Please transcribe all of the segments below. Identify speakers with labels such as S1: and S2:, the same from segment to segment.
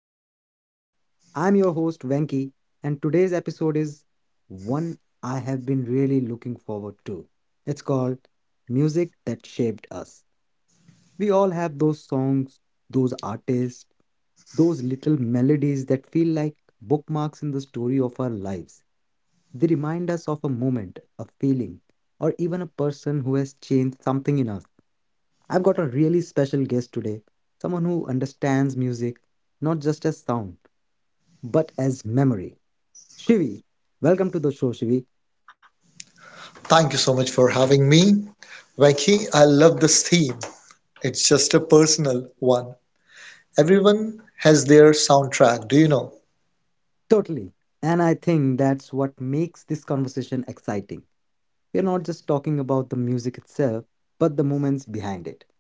S1: of Life. I'm your host Venki, and today's episode is one I have been really looking forward to. It's called Music That Shaped Us. We all have those songs, those artists, those little melodies that feel like bookmarks in the story of our lives. They remind us of a moment, a feeling, or even a person who has changed something in us. I've got a really special guest today, someone who understands music not just as sound, but as memory. Shivi, welcome to the show, Shivi.
S2: Thank you so much for having me. Vicky, I love this theme. It's just a personal one. Everyone has their soundtrack, do you know?
S1: Totally. And I think that's what makes this conversation exciting. We're not just talking about the music itself, but the moments behind it.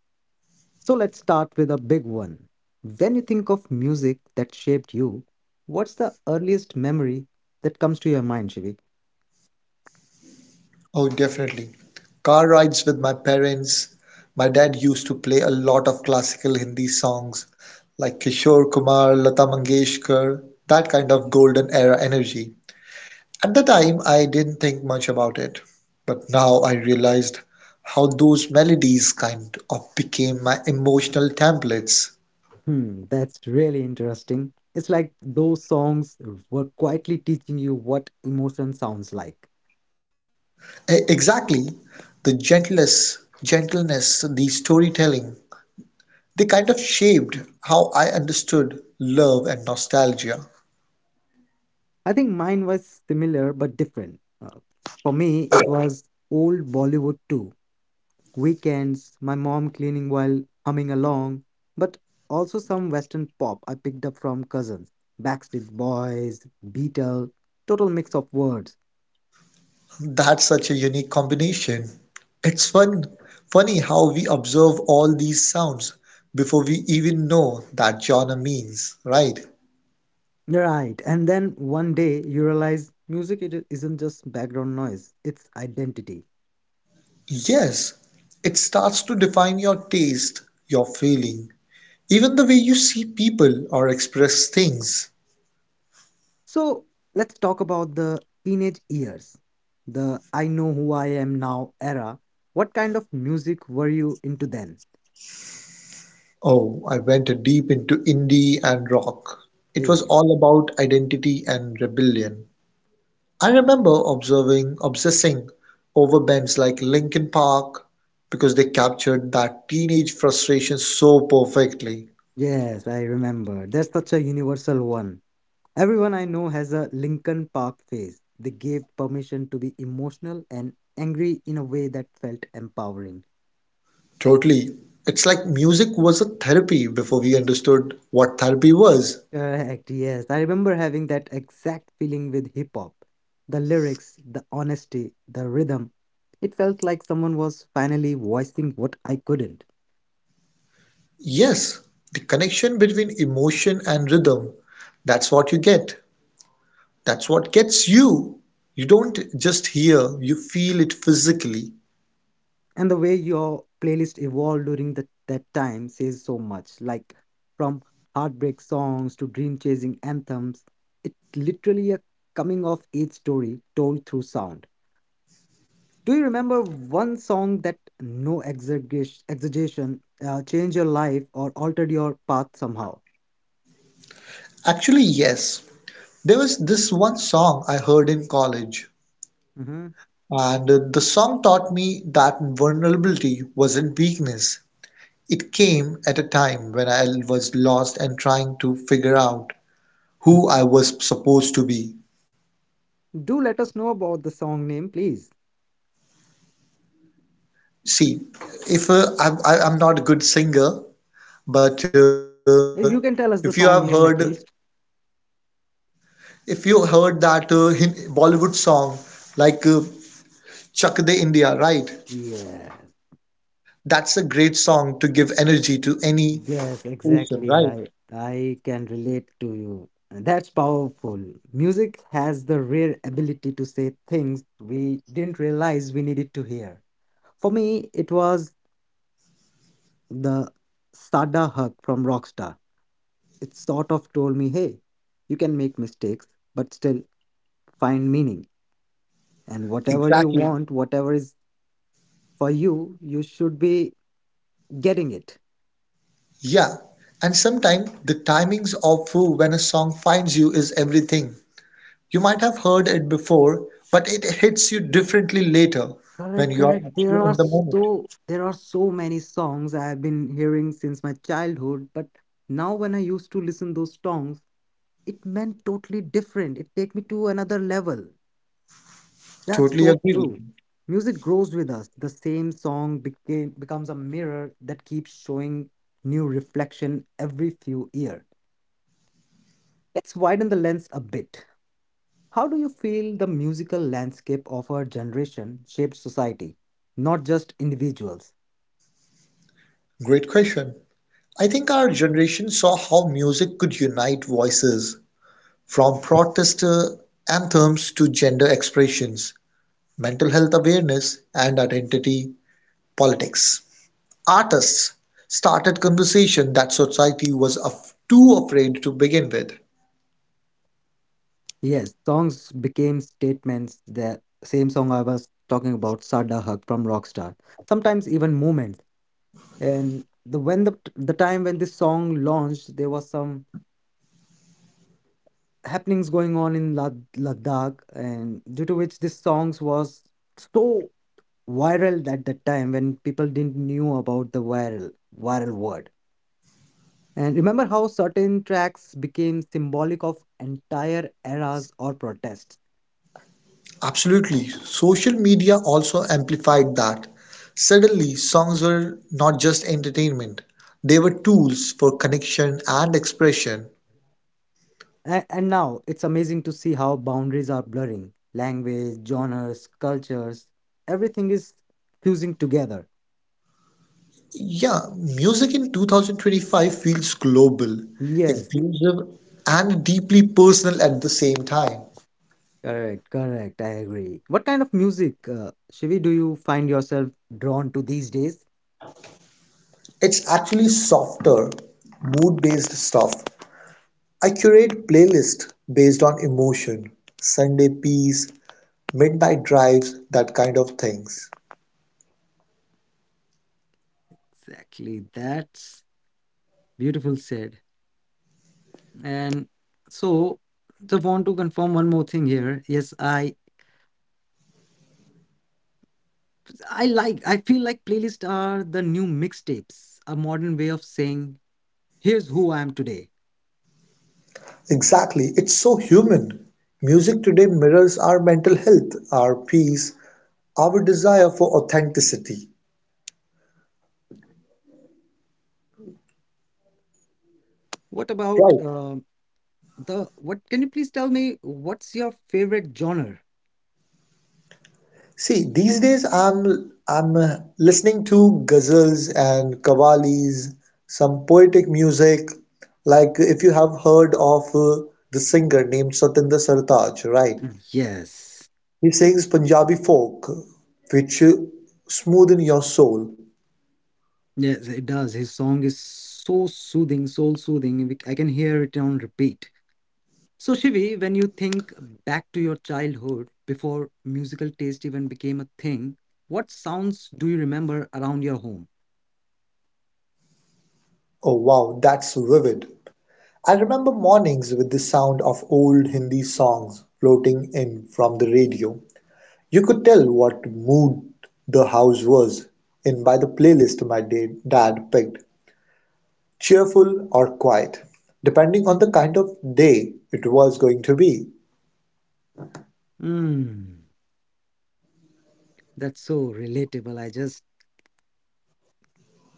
S1: So let's start with a big one. When you think of music that shaped you, what's the earliest memory that comes to your mind, Shivi?
S2: Oh, definitely. Car rides with my parents. My dad used to play a lot of classical Hindi songs like Kishore Kumar, Lata Mangeshkar, that kind of golden era energy. At the time, I didn't think much about it, but now I realized how those melodies kind of became my emotional templates.
S1: Hmm, that's really interesting. It's like those songs were quietly teaching you what emotion sounds like.
S2: Exactly. The gentleness, the storytelling, they kind of shaped how I understood love and nostalgia.
S1: I think mine was similar but different. For me, it was old Bollywood too. Weekends, my mom cleaning while humming along, but also some Western pop I picked up from cousins. Backstreet Boys, Beatles, total mix of words.
S2: That's such a unique combination. It's funny how we observe all these sounds before we even know that genre means, right?
S1: Right, and then one day you realize music it isn't just background noise, it's identity.
S2: Yes, it starts to define your taste, your feeling, even the way you see people or express things.
S1: So let's talk about the teenage years, the I know who I am now era. What kind of music were you into then?
S2: Oh, I went deep into indie and rock. It was
S1: Hey,
S2: all about identity and rebellion. I remember obsessing over bands like Linkin Park because they captured that teenage frustration so perfectly.
S1: yes, I remember. That's such a universal one. Everyone I know has a Linkin Park phase. They gave permission to be emotional and angry in a way that felt empowering.
S2: Totally. It's like music was a therapy before we understood what therapy was.
S1: Correct, yes. I remember having that exact feeling with hip hop. The lyrics, the honesty, the rhythm. It felt like someone was finally voicing what I couldn't.
S2: Yes, the connection between emotion and rhythm. That's what you get. That's what gets you. You don't just hear, you feel it physically.
S1: And the way your playlist evolved during that time says so much. Like from heartbreak songs to dream chasing anthems, it literally a coming of age story told through sound. Do you remember one song that no exaggeration, changed your life or altered your path somehow?
S2: Actually, yes. There was this one song I heard in college,
S1: Hmm.
S2: and the song taught me that vulnerability wasn't weakness. It came at a time when I was lost and trying to figure out who I was supposed to be.
S1: Do let us know about the song name, please.
S2: See, if I'm not a good singer, but if you
S1: You
S2: have
S1: can tell us
S2: heard
S1: the song name at least.
S2: if you heard that Bollywood song like Chak De India, right?
S1: Yes,
S2: That's a great song to give energy to any
S1: yes,
S2: person,
S1: exactly. I
S2: right?
S1: I can relate to you. That's powerful. Music has the rare ability to say things we didn't realize we needed to hear. For me, it was the Sada Hug from Rockstar. It sort of told me, hey, you can make mistakes, but still find meaning. And whatever you
S2: Exactly.
S1: want, whatever is for you, you should be getting it.
S2: Yeah. And sometimes the timings of when a song finds you is everything. You might have heard it before, but it hits you differently later when
S1: Correct,
S2: you are
S1: correct. there
S2: actually
S1: are
S2: in the moment.
S1: so there are so many songs I have been hearing since my childhood, but now when I used to listen those songs, it meant totally different. It take me to another level. That's
S2: Totally
S1: so
S2: agree with
S1: true.
S2: you.
S1: Music grows with us. The same song became becomes a mirror that keeps showing new reflection every few years. Let's widen the lens a bit. How do you feel the musical landscape of our generation shaped society, not just individuals?
S2: Great question. I think our generation saw how music could unite voices from protest anthems to gender expressions, mental health awareness, and identity politics. Artists started conversation that society was too afraid to begin with.
S1: Yes, songs became statements. The same song I was talking about, Sada Hug from Rockstar. Sometimes even moments. And the time when this song launched, there was some happenings going on in Ladakh, and due to which this songs was so viral at that time when people didn't knew about the viral word. And remember how certain tracks became symbolic of entire eras or protests.
S2: Absolutely. Social media also amplified that. Suddenly, songs were not just entertainment, they were tools for connection and expression.
S1: And now it's amazing to see how boundaries are blurring. Language, genres, cultures, everything is fusing together.
S2: Yeah, music in 2025 feels global,
S1: Yes,
S2: inclusive, and deeply personal at the same time.
S1: correct, correct. I agree. What kind of music, Shivi, do you find yourself drawn to these days?
S2: It's actually softer, mood-based stuff. I curate playlists based on emotion, Sunday peace, midnight drives, that kind of things.
S1: Exactly. That's beautiful said. And so, so want to confirm one more thing here. Yes, I like. I feel like playlists are the new mixtapes, a modern way of saying, "Here's who I am today."
S2: Exactly, it's so human. Music today mirrors our mental health, our peace, our desire for authenticity.
S1: What about
S2: Right.
S1: the what can you please tell me what's your favorite genre?
S2: See, these days I'm listening to ghazals and qawwalis, some poetic music. Like if you have heard of the singer named Satinder Sartaaj, right?
S1: Yes,
S2: He sings Punjabi folk, which smoothen your soul.
S1: yes, it does. His song is so soothing soul soothing. I can hear it on repeat. So Shivi, when you think back to your childhood, before musical taste even became a thing, what sounds do you remember around your home?
S2: Oh wow, that's vivid. I remember mornings with the sound of old Hindi songs floating in from the radio. You could tell what mood the house was in by the playlist my dad picked, cheerful or quiet, depending on the kind of day it was going to be.
S1: Mm, that's so relatable. I just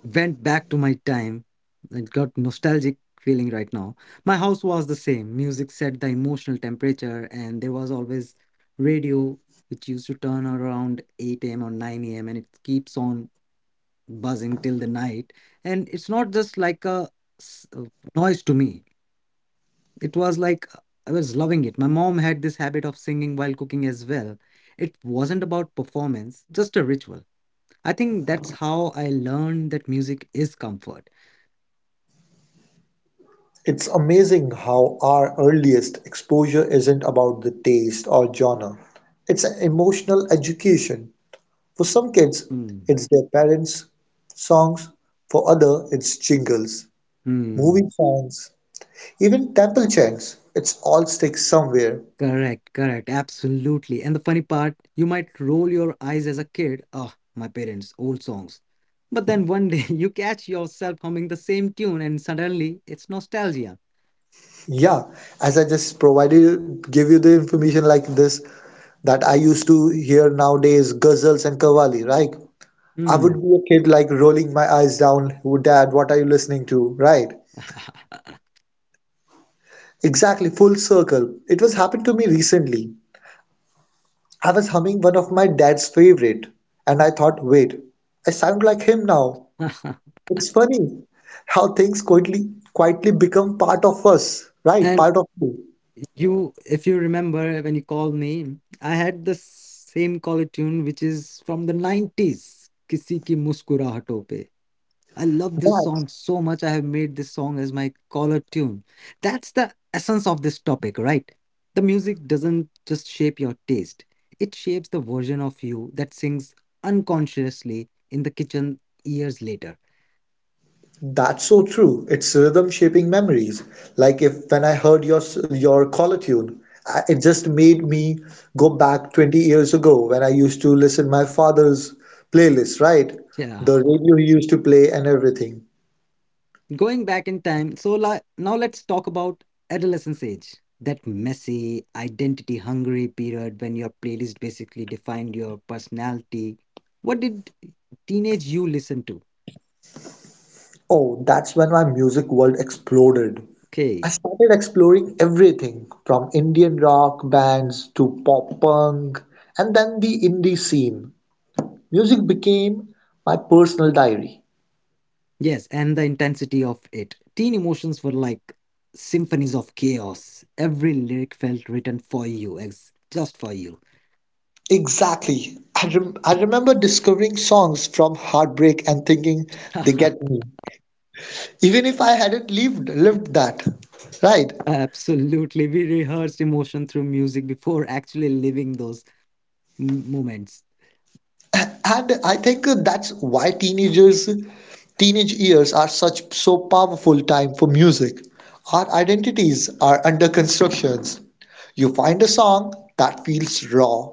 S1: went back to my time. It got nostalgic feeling right now. My house was the same. Music set the emotional temperature, and there was always radio which used to turn around 8 a.m. or 9 a.m. and it keeps on buzzing till the night. And it's not just like a s- uh, noise to me. It was like I was loving it. My mom had this habit of singing while cooking as well. It wasn't about performance, just a ritual. I think that's how I learned that music is comfort.
S2: It's amazing how our earliest exposure isn't about the taste or genre. It's an emotional education. For some kids,
S1: Hmm.
S2: it's their parents' songs. For other, it's jingles,
S1: Mm,
S2: movie songs, even temple chants. It's all sticks somewhere.
S1: correct, correct, absolutely. And the funny part, you might roll your eyes as a kid, oh, my parents, old songs. But then one day you catch yourself humming the same tune and suddenly it's nostalgia.
S2: Yeah, as I just provided give you the information like this that I used to hear nowadays, ghazals and qawwali, right? I would
S1: Hmm.
S2: be a kid like rolling my eyes down, "Oh, Dad, what are you listening to?" Right? Exactly, full circle. It was happened to me recently. I was humming one of my dad's favorite, and I thought, wait, I sound like him now. It's funny how things quietly become part of us, right?
S1: And
S2: Part of you.
S1: you, if you remember when you called me, I had the same color tune which is from the 90s, Kisi ki Muskurahaton. I love this song so much. I have made this song as my caller tune. That's the essence of this topic, right? The music doesn't just shape your taste, it shapes the version of you that sings unconsciously in the kitchen years later.
S2: That's so true. It's rhythm shaping memories. Like if when I heard your caller tune, it just made me go back 20 years ago when I used to listen my father's playlist, right?
S1: Yeah.
S2: The radio he used to play and everything.
S1: Going back in time, so now let's talk about adolescence age. That messy, identity hungry period when your playlist basically defined your personality. What did teenage you listen to?
S2: Oh, that's when my music world exploded. I
S1: Okay.
S2: started exploring everything from Indian rock bands to pop punk and then the indie scene. Music became my personal diary.
S1: Yes, and the intensity of it. Teen emotions were like symphonies of chaos. Every lyric felt written for you, just for you.
S2: Exactly. I remember discovering songs from heartbreak and thinking they get me, even if I hadn't lived that, right?
S1: Absolutely. We rehearsed emotion through music before actually living those moments.
S2: And I think that's why teenage years are such so powerful time for music. Our identities are under constructions. You find a song that feels raw,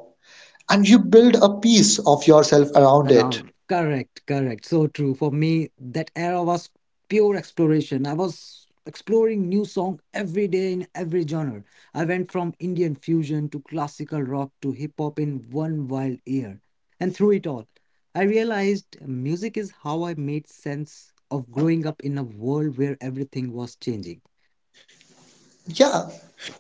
S2: and you build a piece of yourself around it.
S1: Around. Correct, correct. So true. For me, that era was pure exploration. I was exploring new song every day in every genre. I went from Indian fusion to classical rock to hip hop in one wild year. And through it all, I realized music is how I made sense of growing up in a world where everything was changing.
S2: Yeah.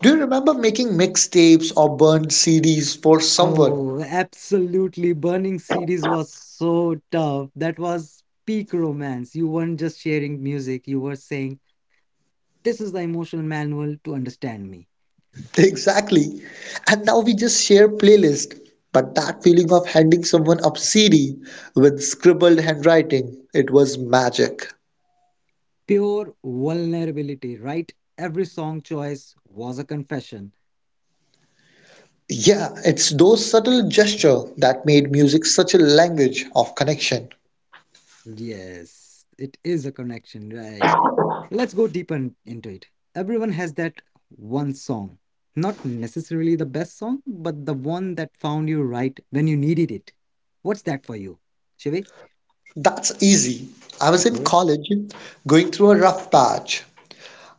S2: Do you remember making mixtapes or burned CDs for someone?
S1: Oh, absolutely. Burning CDs was so tough. That was peak romance. You weren't just sharing music, you were saying, "This is the emotional manual to understand me."
S2: Exactly. And now we just share playlist. But that feeling of handing someone a CD with scribbled handwriting, it was magic.
S1: Pure vulnerability, right? Every song choice was a confession.
S2: Yeah, it's those subtle gesture that made music such a language of connection.
S1: Yes, it is a connection, right? Let's go deeper into it. Everyone has that one song. Not necessarily the best song, but the one that found you right when you needed it. What's that for you, Shivi?
S2: That's easy. I was in
S1: Okay.
S2: college, going through a rough patch,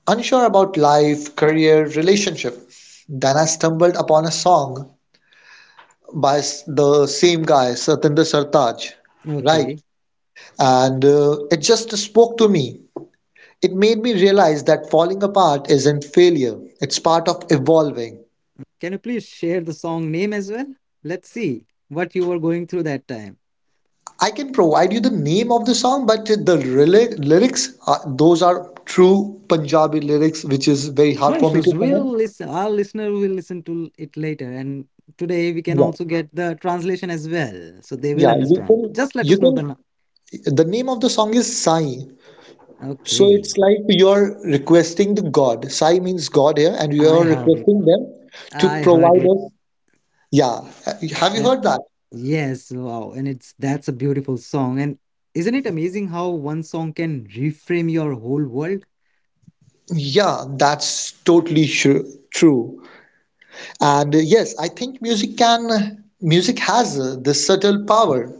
S2: unsure about life, career, relationship. Then I stumbled upon a song by the same guy, Satinder Sartaaj, right?
S1: Okay.
S2: And it just spoke to me. It made me realize that falling apart isn't failure, it's part of evolving.
S1: Can you please share the song name as well? Let's see what you were going through that time.
S2: I can provide you the name of the song, but the rel lyrics, are, those are true Punjabi lyrics, which is very
S1: No
S2: hard for me
S1: issues.
S2: to
S1: We'll
S2: pronounce.
S1: listen. Our listener will listen to it later. And today we can
S2: Yeah,
S1: also get the translation as well. So they will
S2: yeah,
S1: understand. Just let
S2: you
S1: us know the.
S2: can,
S1: nu-
S2: the name of the song is Sai. So
S1: Okay.
S2: it's like you're requesting the God. Sai means God here, and
S1: I
S2: you're
S1: heard it.
S2: requesting them to
S1: I heard
S2: provide
S1: it.
S2: us. Yeah. Have you
S1: And
S2: heard that?
S1: yes, wow. And it's that's a beautiful song. And isn't it amazing how one song can reframe your whole world?
S2: Yeah, that's totally true. And yes, I think music has this subtle power.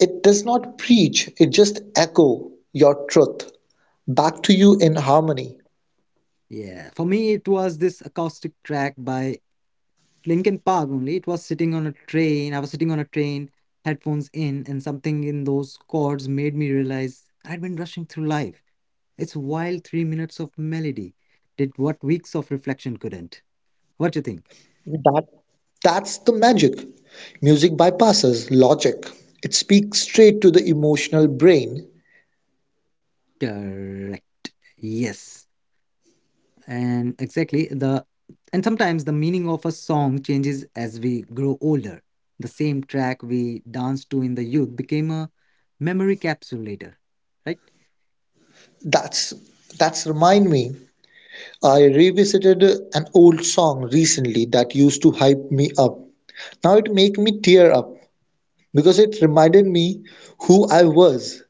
S2: It does not preach, it just echo your truth back to you in harmony.
S1: Yeah. For me, it was this acoustic track by Linkin Park only. It was sitting on a train. I was sitting on a train, headphones in, and something in those chords made me realize I'd been rushing through life. It's wild 3 minutes of melody did what weeks of reflection couldn't. What do you think?
S2: That that's the magic. Music bypasses logic. It speaks straight to the emotional brain.
S1: Correct. Yes. And exactly the and sometimes the meaning of a song changes as we grow older. The same track we danced to in the youth became a memory capsule later, right?
S2: That's that's remind me. I revisited an old song recently that used to hype me up. Now it make me tear up because it reminded me who I was.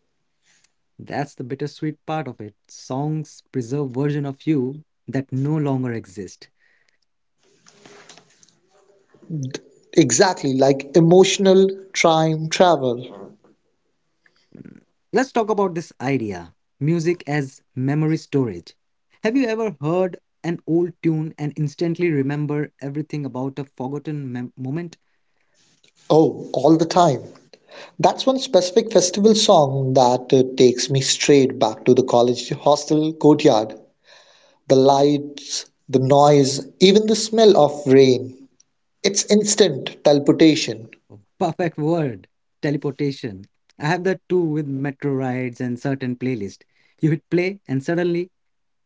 S1: That's the bittersweet part of it. Songs preserve version of you that no longer exist.
S2: Exactly, like emotional time travel.
S1: Mm, Let's talk about this idea. Music as memory storage. Have you ever heard an old tune and instantly remember everything about a forgotten moment?
S2: Oh, all the time. That's one specific festival song that takes me straight back to the college hostel courtyard. The lights, the noise, even the smell of rain. It's instant teleportation.
S1: Oh. Perfect word. Teleportation. I have that too with metro rides and certain playlist. You hit play and suddenly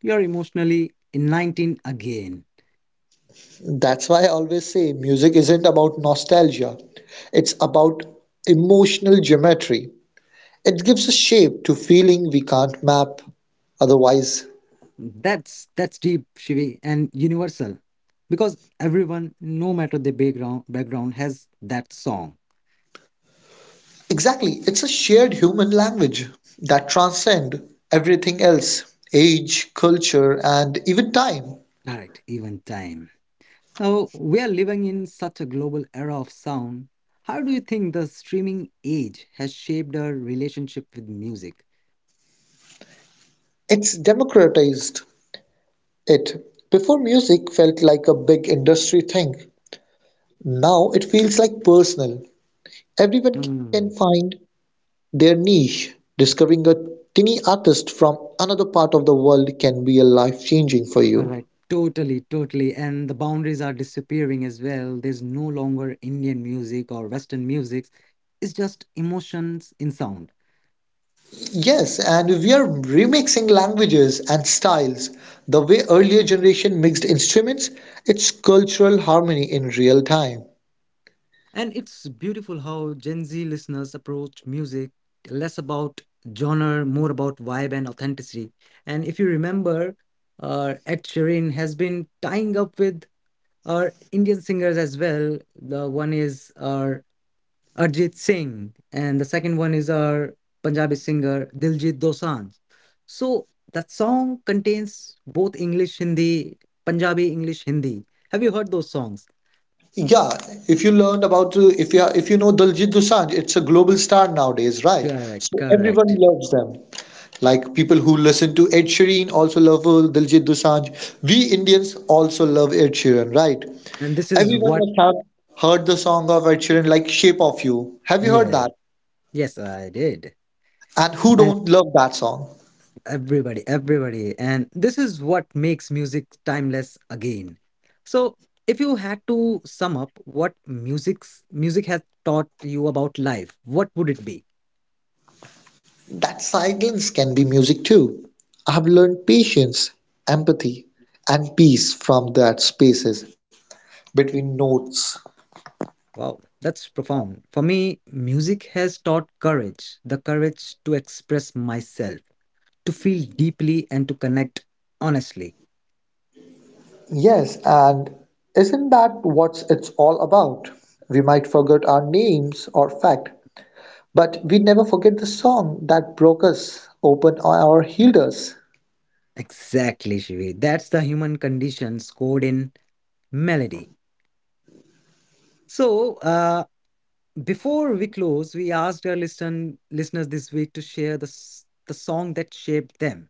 S1: you're emotionally in 19 again.
S2: That's why I always say music isn't about nostalgia, it's about emotional geometry. It gives a shape to feeling we can't map otherwise.
S1: That's deep, Shivi, and universal, because everyone, no matter the background has that song.
S2: Exactly, it's a shared human language that transcends everything else, age, culture, and even time.
S1: Correct, even time. Now we are living in such a global era of sound. How do you think the streaming age has shaped our relationship with music?
S2: It's democratized it. Before music felt like a big industry thing, now it feels like personal. Everyone can
S1: Hmm.
S2: find their niche. Discovering a tiny artist from another part of the world can be a life changing for you.
S1: Correct. Totally, totally. And the boundaries are disappearing as well. There's no longer Indian music or Western music. It's just emotions in sound.
S2: Yes, and we are remixing languages and styles. The way earlier generation mixed instruments, it's cultural harmony in real time.
S1: And it's beautiful how Gen Z listeners approach music less about genre, more about vibe and authenticity. And if you remember, Ed Sheeran has been tying up with our Indian singers as well. The one is our Arjit Singh, and the second one is our Punjabi singer Diljit Dosanjh. So that song contains both English Hindi, Punjabi English Hindi. Have you heard those songs?
S2: Yeah, if you know Daljit Dosanjh, it's a global star nowadays, right?
S1: Correct,
S2: So everyone
S1: correct.
S2: loves them. Like people who listen to Ed Sheeran also love Daljit Dosanjh. We Indians also love Ed Sheeran, right?
S1: And this is
S2: Everyone
S1: what.
S2: must have heard the song of Ed Sheeran, like Shape of You. Have you heard that?
S1: Yeah, yes, I did.
S2: And who
S1: And
S2: don't love that song?
S1: everybody, everybody. And this is what makes music timeless again. So, if you had to sum up what music has taught you about life, what would it be?
S2: That silence can be music too. I've learned patience, empathy, and peace from that spaces between notes.
S1: Wow, that's profound. For me, music has taught courage, the courage to express myself, to feel deeply and to connect honestly.
S2: Yes, and isn't that what it's all about? We might forget our names or fact, but we never forget the song that broke us open or healed us.
S1: Exactly, Shivi. That's the human condition scored in melody. So, uh, Before we close, we asked our listeners this week to share the song that shaped them.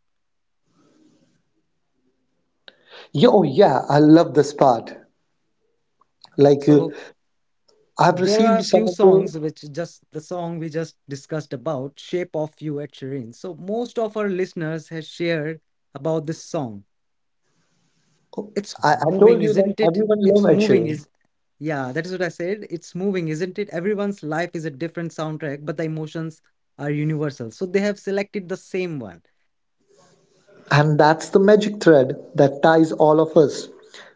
S2: Yo, yeah, I love this part. Like
S1: So
S2: I've
S1: there are
S2: received
S1: a
S2: some
S1: few
S2: of the.
S1: songs which just the song we just discussed about, Shape of You at Shireen. So most of our listeners has shared about this song. It's
S2: I told
S1: moving,
S2: you that
S1: isn't it?
S2: everyone
S1: It's
S2: loves Ed
S1: moving,
S2: Sheeran,
S1: is Yeah, that is what I said. It's moving, isn't it? Everyone's life is a different soundtrack, but the emotions are universal. So they have selected the same one.
S2: and that's the magic thread that ties all of us.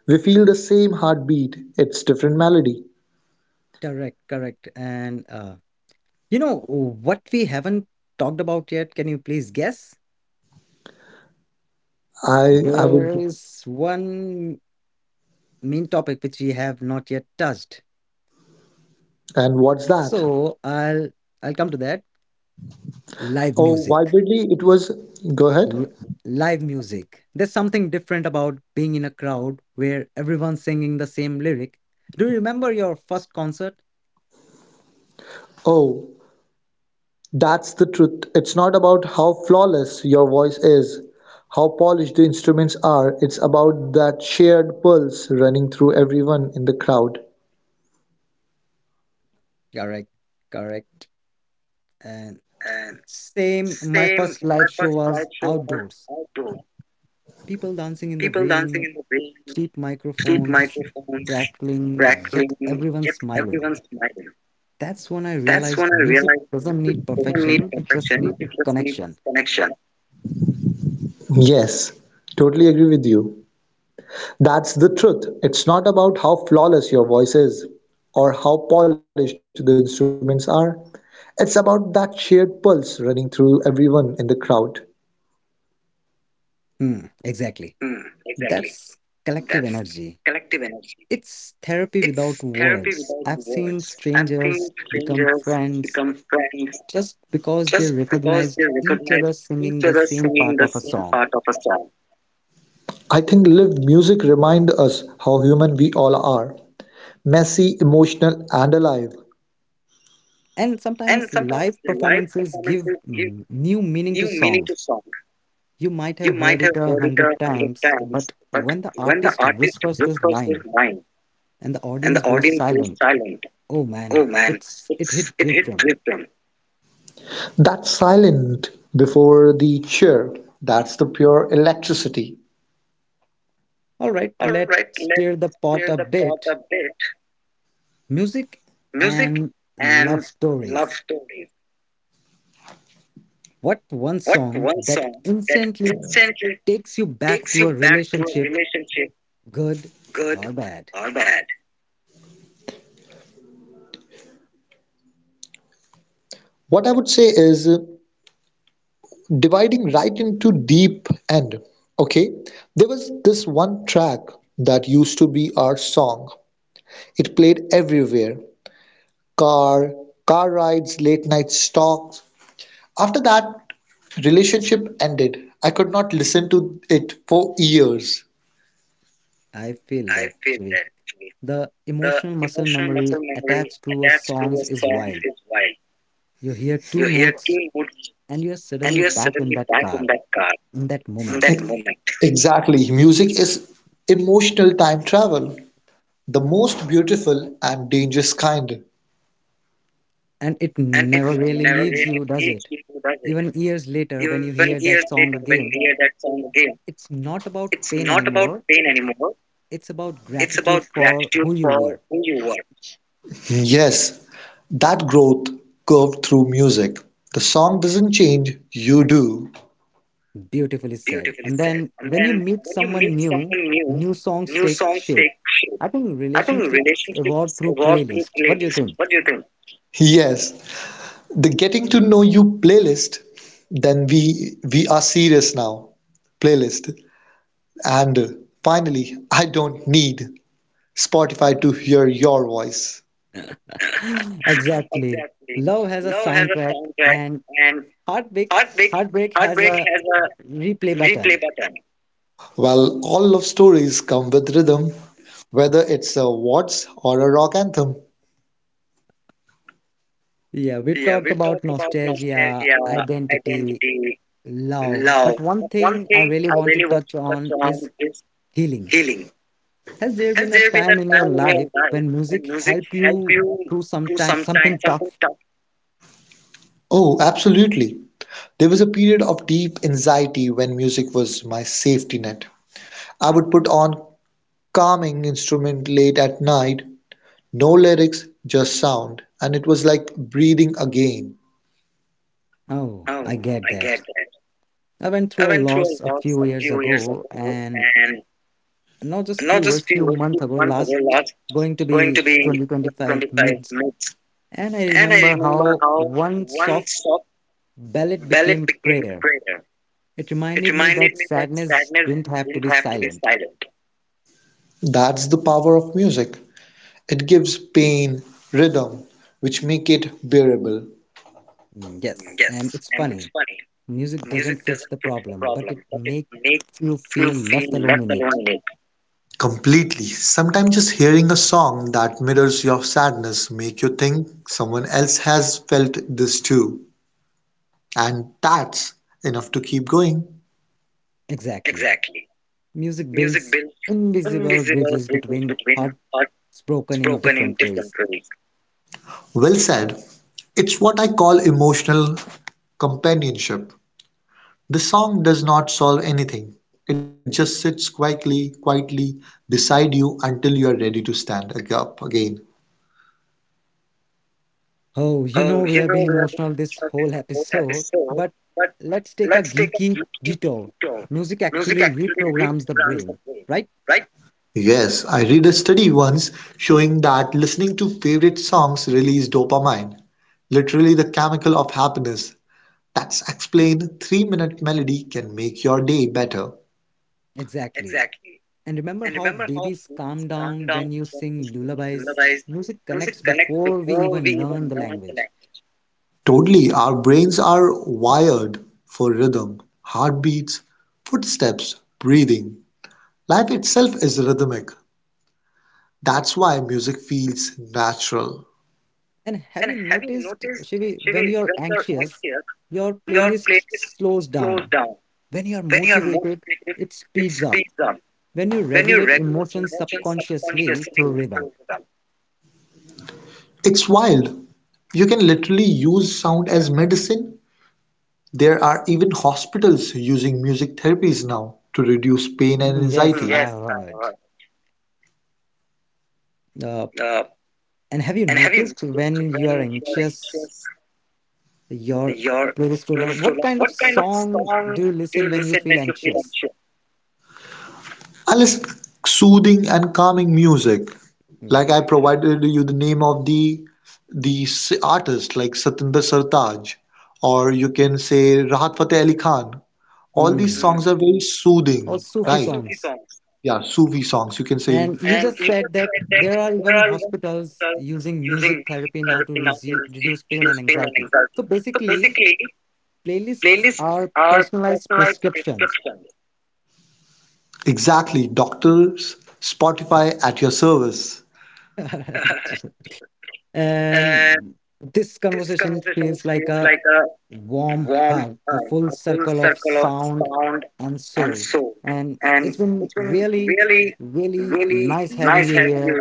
S2: We feel the same heartbeat. It's different melody.
S1: Correct, correct. And You know what we haven't talked about yet? Can you please guess?
S2: I would.
S1: There is one main topic which we have not yet touched.
S2: And what's that?
S1: So I'll come to that. Live
S2: Oh,
S1: music.
S2: vividly it was. Go ahead.
S1: L- Live music. There's something different about being in a crowd where everyone's singing the same lyric. Do you remember your first concert?
S2: Oh, that's the truth. It's not about how flawless your voice is, how polished the instruments are. It's about that shared pulse running through everyone in the crowd.
S1: Correct. Correct. And same, my first live show was outdoors. People dancing in the rain, cheap microphones, crackling, yet everyone smiling. That's when I realized music doesn't need perfection, it just needs connection.
S2: Yes, totally agree with you. That's the truth. It's not about how flawless your voice is or how polished the instruments are. It's about that shared pulse running through everyone in the crowd.
S1: Hmm, exactly. That's collective energy. It's therapy without words. I've seen strangers become friends just because they recognized each other singing the same part of a song.
S2: I think live music reminds us how human we all are, messy, emotional, and alive.
S1: And sometimes live performances give new meaning to songs. You might have heard it a hundred times, but when the artist whispers this line and the audience goes silent, oh man, it hit different.
S2: That silent before the cheer, that's the pure electricity.
S1: All right, let's stir the pot a bit. Music and love stories. What one song that instantly takes you back to a relationship, good or bad?
S2: What I would say is dividing right into deep end, okay, there was this one track that used to be our song. It played everywhere, car car rides, late night stalks. After that relationship ended, I could not listen to it for years.
S1: I feel that actually. The emotional muscle memory attached to a song is wild. You hear two notes and you're suddenly back in that car, in that moment.
S2: Exactly, music is emotional time travel, the most beautiful and dangerous kind.
S1: And it never really leaves you, does it? Even years later, when you hear that song again, it's not about pain anymore. It's about gratitude for who you were.
S2: Yes, that growth curved through music. The song doesn't change, you do.
S1: Beautifully said. And then when you meet someone new, new songs take shape. I think relationships evolve through playlist. What do you think?
S2: Yes, the getting to know you playlist. Then we are serious now. Playlist. And finally, I don't need Spotify to hear your voice.
S1: Exactly. Love has a soundtrack and heartbreak heartbreak has a replay button.
S2: Well, all love stories come with rhythm, whether it's a waltz or a rock anthem.
S1: Yeah, we talked about nostalgia, identity, love, but one thing I really want to touch on is healing. Has there been a time in your life when music helped you through some time, something tough?
S2: Oh, absolutely. There was a period of deep anxiety when music was my safety net. I would put on calming instrument late at night, no lyrics, just sound, and it was like breathing again.
S1: Oh, I get that. I went through a loss a few years ago, and not just few years, few months ago, last going to be 2025 mids. And I remember how one soft ballad became prayer. It reminded me that sadness didn't have to be silent.
S2: That's the power of music. It gives pain rhythm, which make it bearable.
S1: Mm, yes, and it's funny. Music doesn't fix the problem, but it makes you feel less alone in it.
S2: Completely. Sometimes just hearing a song that mirrors your sadness make you think someone else has felt this too. And that's enough to keep going.
S1: Exactly. Music builds invisible bridges between hearts broken in different ways.
S2: Well said. It's what I call emotional companionship. The song does not solve anything, it just sits quietly beside you until you are ready to stand up again.
S1: Oh, you know, we have been emotional this whole episode, but let's take a geeky detour. Music actually reprograms the brain, right?
S2: Yes, I read a study once showing that listening to favorite songs release dopamine, literally the chemical of happiness. That's explained 3-minute melody can make your day better.
S1: Exactly. And remember how babies calm down when you sing lullabies? Music connects before we even learn the language.
S2: Totally, our brains are wired for rhythm, heartbeats, footsteps, breathing. Life itself is rhythmic. That's why music feels natural.
S1: And have you noticed, Shivi, when you're anxious, your playlist slows down. When you're motivated, it speeds up. When you regulate emotions subconsciously through rhythm.
S2: It's wild. You can literally use sound as medicine. There are even hospitals using music therapies now to reduce pain and
S1: Mm, yes,
S2: anxiety. I
S1: I heard. Uh, and have you noticed when you are anxious, your playlist slow down? What kind of song do you listen when you feel anxious?
S2: I listen soothing and calming music. Like I
S1: Hmm.
S2: provided you the name of the artist like Satinder Sartaaj, or you can say Rahat Fateh Ali Khan. All these
S1: Mm.
S2: songs are very
S1: Or
S2: soothing, or
S1: Sufi
S2: right?
S1: songs.
S2: Yeah, Sufi songs. You can say.
S1: And you just said that there are even hospitals using music therapy now to reduce pain and anxiety. So basically, playlists are personalized prescriptions.
S2: Exactly, doctors. Spotify at your service.
S1: And this conversation feels like a warm hug, a full circle of sound and soul. And it's been really, really nice having you here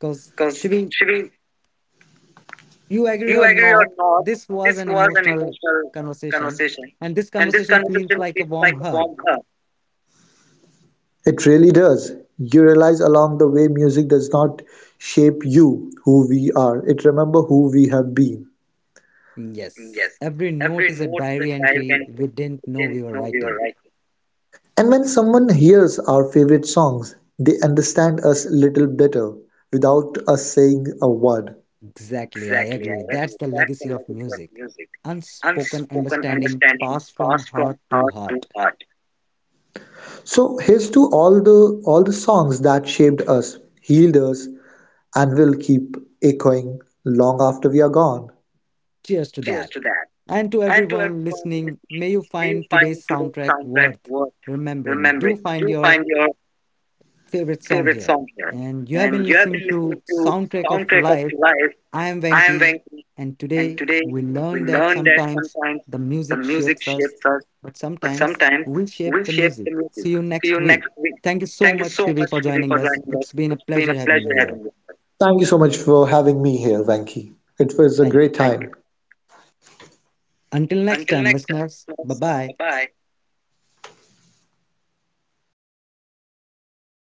S1: because Shivi, you agree or not, this was an emotional conversation, and this conversation feels like a warm hug.
S2: It really does. You realize along the way music does not shape you, who we are. It remember who we have been.
S1: Yes, every note is a diary entry we didn't know we were writing.
S2: And when someone hears our favorite songs, they understand us little better without us saying a word.
S1: Exactly, I agree. That's the legacy of music. Unspoken understanding passed from heart to heart.
S2: So here's to all the songs that shaped us, healed us, and will keep echoing long after we are gone.
S1: Cheers to that. And to everyone listening, may you find today's soundtrack worth remembering. Do find your favorite song here. And you have been listening to Soundtrack of Life. I am Venki, and today we learn that sometimes the music shapes us, but sometimes we shape the music. See you next week. Thank you so much, Shivi, for joining us. It's been a pleasure having you here.
S2: Thank you so much for having me here, Venki. It was a
S1: Thank you.
S2: great time. You.
S1: Until next time, listeners, bye bye.